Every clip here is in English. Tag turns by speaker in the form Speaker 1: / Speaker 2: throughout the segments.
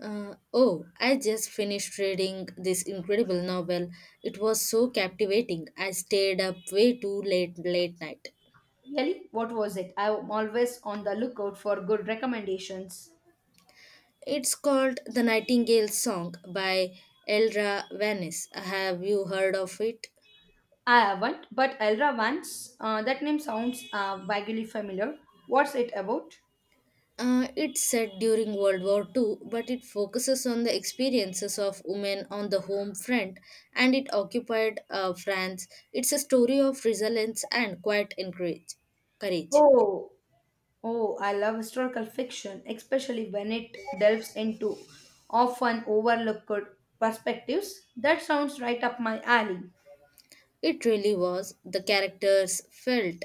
Speaker 1: Oh, I just finished reading this incredible novel. It was so captivating. I stayed up way too late late night.
Speaker 2: Really? What was it? I'm always on the lookout for good recommendations.
Speaker 1: It's called The Nightingale's Song by Elra Vanis. Have you heard of it?
Speaker 2: I haven't, but Elra Vance, that name sounds vaguely familiar. What's it about?
Speaker 1: It's set during World War Two, but it focuses on the experiences of women on the home front and it occupied France. It's a story of resilience and quiet courage.
Speaker 2: Oh, oh, I love historical fiction, especially when it delves into often overlooked perspectives. That sounds right up my alley.
Speaker 1: It really was. The characters felt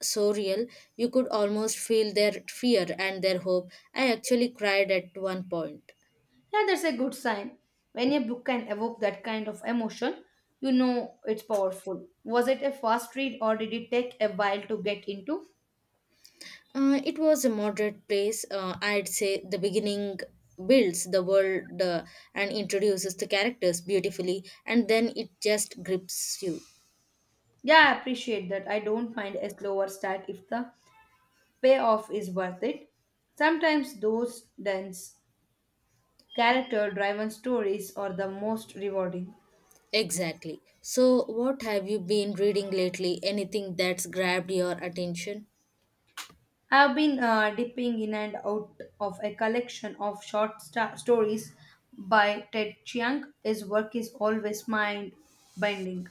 Speaker 1: so real. You could almost feel their fear and their hope. I actually cried at one point.
Speaker 2: Yeah, that's a good sign. When a book can evoke that kind of emotion, you know it's powerful. Was it a fast read or did it take a while to get into?
Speaker 1: It was a moderate place. I'd say the beginning builds the world and introduces the characters beautifully, and then it just grips you.
Speaker 2: Yeah, I appreciate that. I don't mind a slower start if the payoff is worth it. Sometimes those dense character driven stories are the most rewarding.
Speaker 1: Exactly. So, what have you been reading lately? Anything that's grabbed your attention?
Speaker 2: I have been dipping in and out of a collection of short stories by Ted Chiang. His work is always mind bending.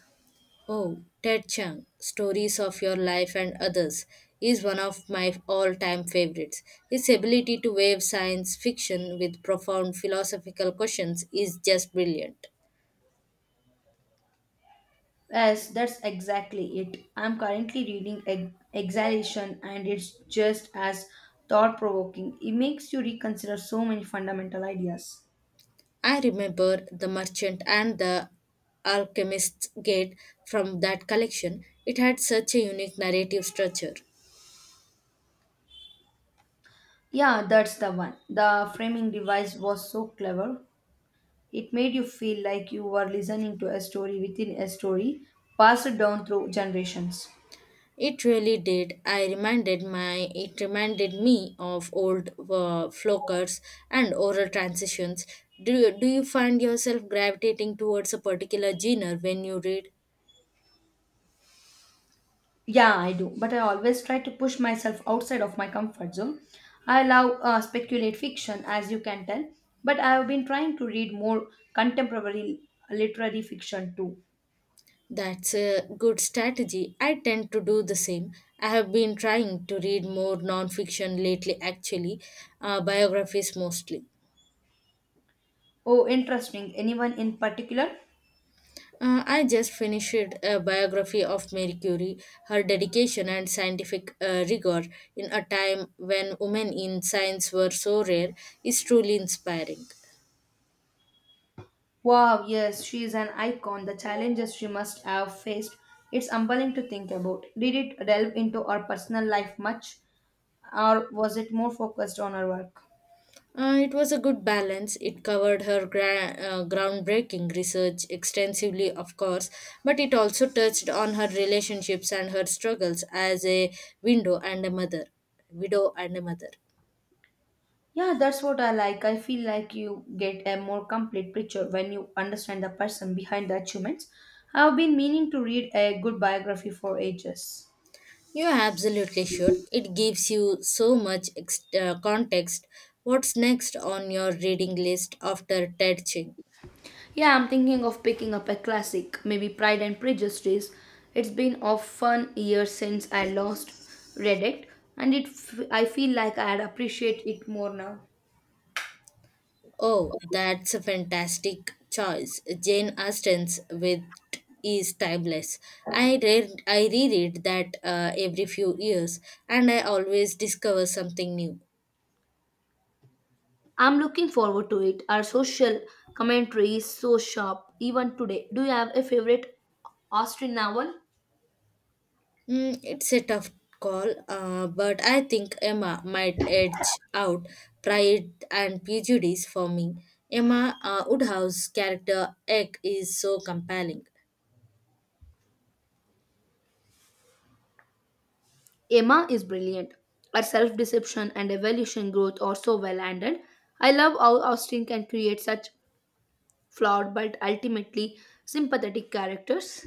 Speaker 1: Oh, Ted Chiang, Stories of Your Life and Others, is one of my all time favorites. His ability to weave science fiction with profound philosophical questions is just brilliant.
Speaker 2: Yes, that's exactly it. I'm currently reading Exhalation, and it's just as thought provoking. It makes you reconsider so many fundamental ideas.
Speaker 1: I remember The Merchant and the Alchemist's Gate from that collection. It had such a unique narrative structure.
Speaker 2: Yeah, that's the one. The framing device was so clever. It made you feel like you were listening to a story within a story, passed down through generations.
Speaker 1: It really did. I reminded my it reminded me of old flokers and oral transitions. Do you find yourself gravitating towards a particular genre when you read?
Speaker 2: Yeah, I do, but I always try to push myself outside of my comfort zone. I love speculate fiction, as you can tell, but I have been trying to read more contemporary literary fiction too.
Speaker 1: That's a good strategy. I tend to do the same. I have been trying to read more non-fiction lately actually, biographies mostly.
Speaker 2: Oh, interesting. Anyone in particular?
Speaker 1: I just finished a biography of Marie Curie, her dedication and scientific rigor in a time when women in science were so rare is truly inspiring.
Speaker 2: Wow, yes, she is an icon. The challenges she must have faced. It's humbling to think about. Did it delve into her personal life much, or was it more focused on her work?
Speaker 1: It was a good balance. It covered her groundbreaking research extensively, of course, but it also touched on her relationships and her struggles as a window and a mother, widow and a mother.
Speaker 2: Yeah, that's what I like. I feel like you get a more complete picture when you understand the person behind the achievements. I've been meaning to read a good biography for ages.
Speaker 1: You absolutely should. It gives you so much context. What's next on your reading list after Ted Ching?
Speaker 2: Yeah, I'm thinking of picking up a classic, maybe Pride and Prejudice. It's been a fun year since I last read it, and I feel like I'd appreciate it more now.
Speaker 1: Oh, that's a fantastic choice. Jane Austen's Wit is timeless. I reread that every few years, and I always discover something new.
Speaker 2: I'm looking forward to it. Our social commentary is so sharp, even today. Do you have a favorite Austrian novel?
Speaker 1: Mm, it's a tough call, but I think Emma might edge out Pride and Prejudice for me. Emma Woodhouse's character Egg is so compelling.
Speaker 2: Emma is brilliant. Her self deception and evolution growth are so well handled. I love how Austin can create such flawed but ultimately sympathetic characters.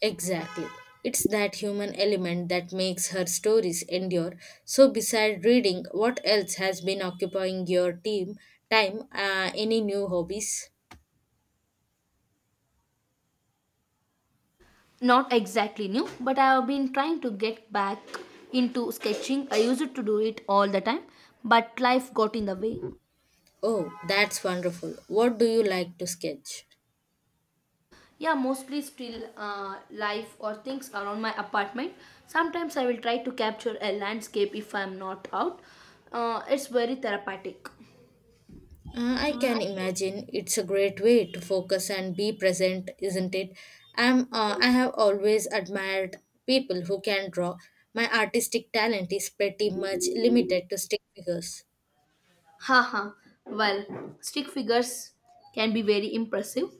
Speaker 1: Exactly. It's that human element that makes her stories endure. So, besides reading, what else has been occupying your team time? Any new hobbies?
Speaker 2: Not exactly new, but I have been trying to get back into sketching. I used to do it all the time, but life got in the way.
Speaker 1: Oh, that's wonderful. What do you like to sketch?
Speaker 2: Yeah, mostly still life or things around my apartment. Sometimes I will try to capture a landscape if I'm not out. It's very therapeutic.
Speaker 1: I
Speaker 2: Mm.
Speaker 1: can imagine it's a great way to focus and be present, isn't it? I have always admired people who can draw. My artistic talent is pretty much limited to stick figures.
Speaker 2: Haha, well, stick figures can be very impressive.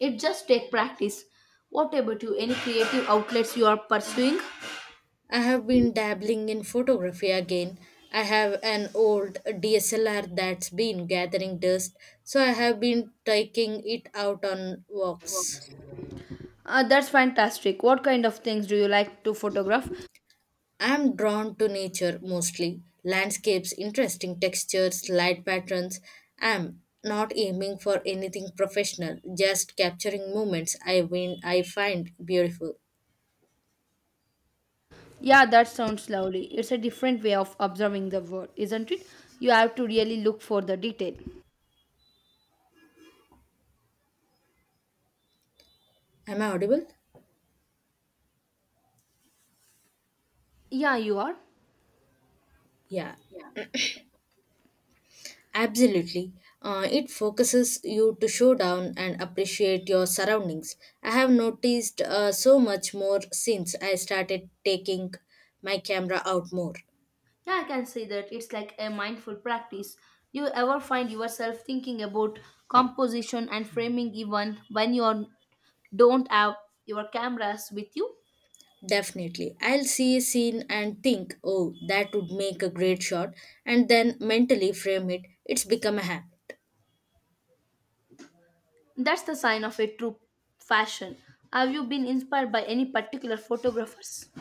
Speaker 2: It just take practice. What about you? Any creative outlets you are pursuing?
Speaker 1: I have been dabbling in photography again. I have an old DSLR that's been gathering dust, so I have been taking it out on walks.
Speaker 2: That's fantastic. What kind of things do you like to photograph?
Speaker 1: I'm drawn to nature mostly. Landscapes, interesting textures, light patterns. I'm not aiming for anything professional, just capturing moments I find beautiful.
Speaker 2: Yeah, that sounds lovely. It's a different way of observing the world, isn't it? You have to really look for the detail.
Speaker 1: Am I audible?
Speaker 2: Yeah, you are.
Speaker 1: Yeah.
Speaker 2: Yeah.
Speaker 1: Absolutely. It focuses you to show down and appreciate your surroundings. I have noticed so much more since I started taking my camera out more.
Speaker 2: Yeah, I can say that it's like a mindful practice. Do you ever find yourself thinking about composition and framing even when you are don't have your cameras with you?
Speaker 1: Definitely. I'll see a scene and think, oh, that would make a great shot, and then mentally frame it. It's become a habit.
Speaker 2: That's the sign of a true fashion. Have you been inspired by any particular photographers?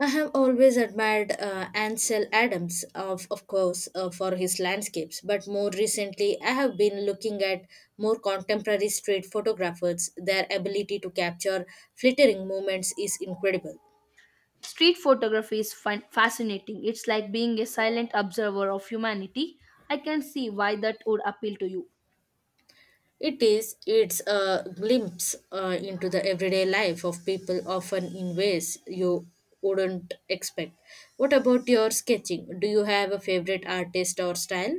Speaker 1: I have always admired Ansel Adams, of course, for his landscapes, but more recently, I have been looking at more contemporary street photographers. Their ability to capture flittering moments is incredible.
Speaker 2: Street photography is fascinating. It's like being a silent observer of humanity. I can see why that would appeal to you.
Speaker 1: It's a glimpse into the everyday life of people, often in ways you wouldn't expect. What about your sketching? Do you have a favorite artist or style?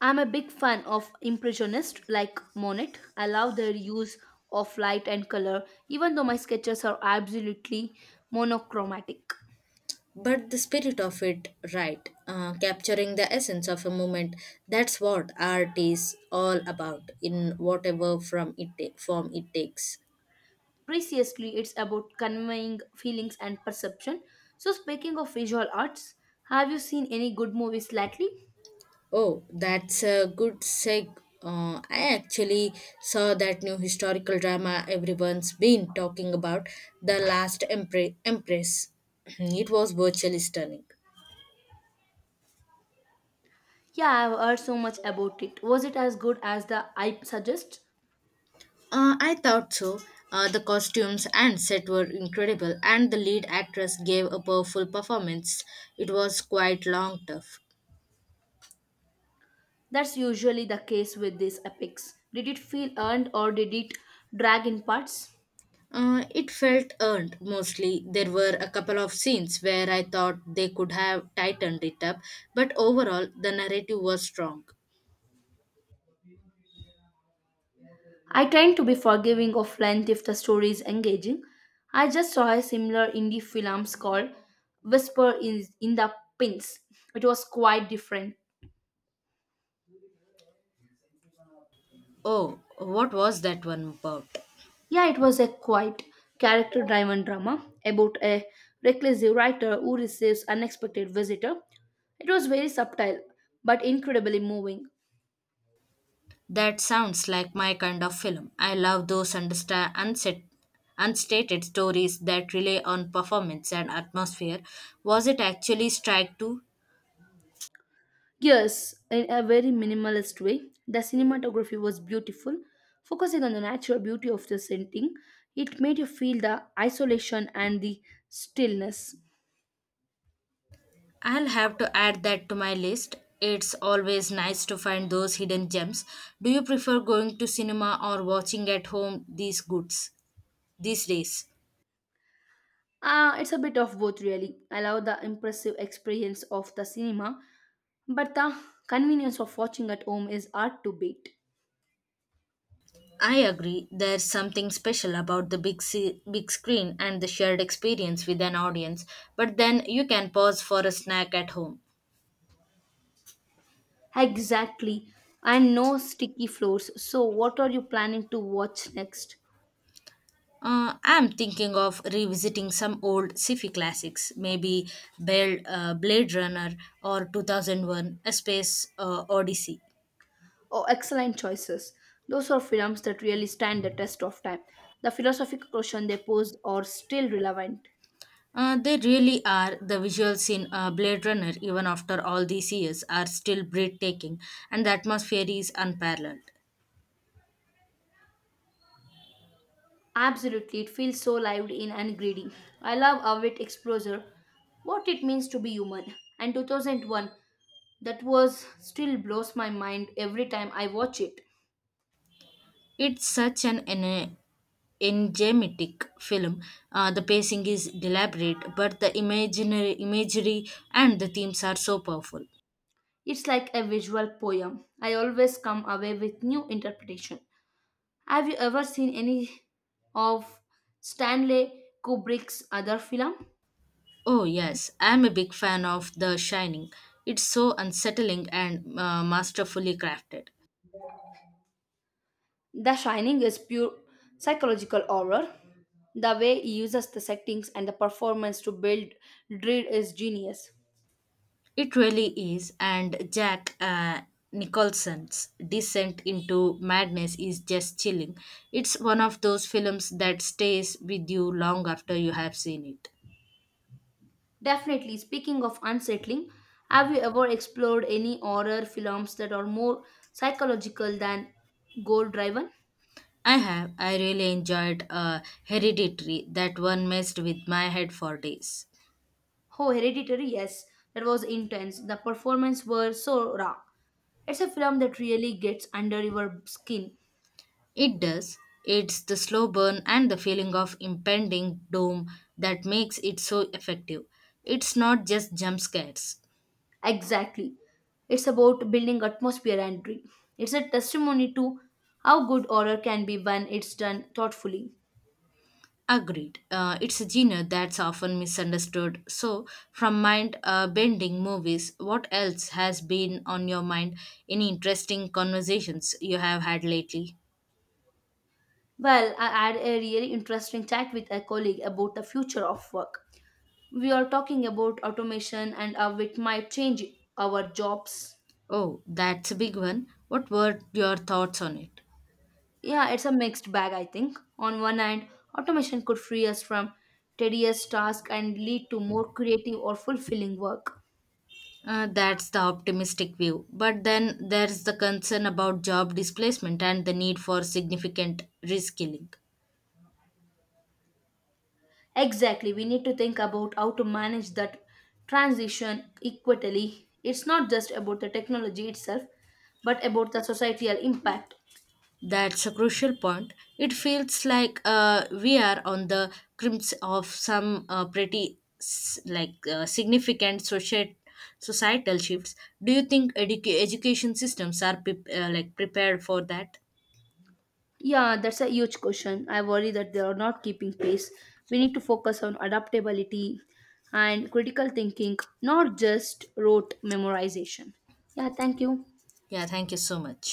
Speaker 2: I'm a big fan of impressionists like Monet. I love their use of light and color even though my sketches are absolutely monochromatic.
Speaker 1: But the spirit of it, right? Capturing the essence of a moment. That's what art is all about, in whatever form it takes.
Speaker 2: Preciously, it's about conveying feelings and perception. So, speaking of visual arts, have you seen any good movies lately?
Speaker 1: Oh, that's a good seg. I actually saw that new historical drama everyone's been talking about, The Last Empress. It was virtually stunning.
Speaker 2: Yeah, I've heard so much about it. Was it as good as the hype suggests?
Speaker 1: I thought so. The costumes and set were incredible, and the lead actress gave a powerful performance. It was quite long, tough.
Speaker 2: That's usually the case with these epics. Did it feel earned or did it drag in parts?
Speaker 1: It felt earned mostly. There were a couple of scenes where I thought they could have tightened it up, but overall the narrative was strong.
Speaker 2: I tend to be forgiving of length if the story is engaging. I just saw a similar indie film called Whisper in the Pins. It was quite different.
Speaker 1: Oh, what was that one about?
Speaker 2: Yeah, it was a quite character driven drama about a reclusive writer who receives unexpected visitor. It was very subtle but incredibly moving.
Speaker 1: That sounds like my kind of film. I love those unstated stories that rely on performance and atmosphere. Was it actually Strike 2?
Speaker 2: Yes, in a very minimalist way, the cinematography was beautiful, focusing on the natural beauty of the setting. It made you feel the isolation and the stillness.
Speaker 1: I'll have to add that to my list. It's always nice to find those hidden gems. Do you prefer going to cinema or watching at home these days?
Speaker 2: Ah, it's a bit of both really. I love the impressive experience of the cinema, but the convenience of watching at home is hard to beat.
Speaker 1: I agree. There's something special about the big screen and the shared experience with an audience. But then you can pause for a snack at home.
Speaker 2: Exactly. And no sticky floors. So, what are you planning to watch next?
Speaker 1: I'm thinking of revisiting some old sci-fi classics, maybe Blade Runner or 2001: A Space Odyssey.
Speaker 2: Oh, excellent choices. Those are films that really stand the test of time. The philosophical question they posed are still relevant.
Speaker 1: They really are. The visuals in Blade Runner, even after all these years, are still breathtaking, and the atmosphere is unparalleled.
Speaker 2: Absolutely, it feels so lived in and greedy. I love Avit Exposure, what it means to be human. And 2001, that was still blows my mind every time I watch it.
Speaker 1: It's such an enigmatic film. The pacing is deliberate, but the imaginary imagery and the themes are so powerful.
Speaker 2: It's like a visual poem. I always come away with new interpretation. Have you ever seen any of Stanley Kubrick's other film?
Speaker 1: Oh yes, I am a big fan of The Shining. It's so unsettling and masterfully crafted.
Speaker 2: The Shining is pure psychological horror. The way he uses the settings and the performance to build dread is genius.
Speaker 1: It really is, and Jack Nicholson's descent into madness is just chilling. It's one of those films that stays with you long after you have seen it.
Speaker 2: Definitely, speaking of unsettling, have you ever explored any horror films that are more psychological than goal driven?
Speaker 1: I have. I really enjoyed Hereditary. That one messed with my head for days.
Speaker 2: Oh, Hereditary, yes, that was intense. The performance were so raw. It's a film that really gets under your skin.
Speaker 1: It does. It's the slow burn and the feeling of impending doom that makes it so effective. It's not just jump scares.
Speaker 2: Exactly. It's about building atmosphere and dream. It's a testimony to how good horror can be when it's done thoughtfully.
Speaker 1: Agreed. It's a genre that's often misunderstood. So, from mind bending movies, what else has been on your mind? Any interesting conversations you have had lately?
Speaker 2: Well, I had a really interesting chat with a colleague about the future of work. We are talking about automation and how it might change our jobs.
Speaker 1: Oh, that's a big one. What were your thoughts on it?
Speaker 2: Yeah, it's a mixed bag, I think. On one hand, automation could free us from tedious tasks and lead to more creative or fulfilling work.
Speaker 1: That's the optimistic view. But then there's the concern about job displacement and the need for significant reskilling.
Speaker 2: Exactly, we need to think about how to manage that transition equitably. It's not just about the technology itself, but about the societal impact.
Speaker 1: That's a crucial point. It feels like we are on the crimps of some pretty significant social societal shifts. Do you think education systems are prepared for that?
Speaker 2: Yeah, that's a huge question. I worry that they are not keeping pace. We need to focus on adaptability and critical thinking, not just rote memorization. Yeah, thank you.
Speaker 1: Yeah, thank you so much.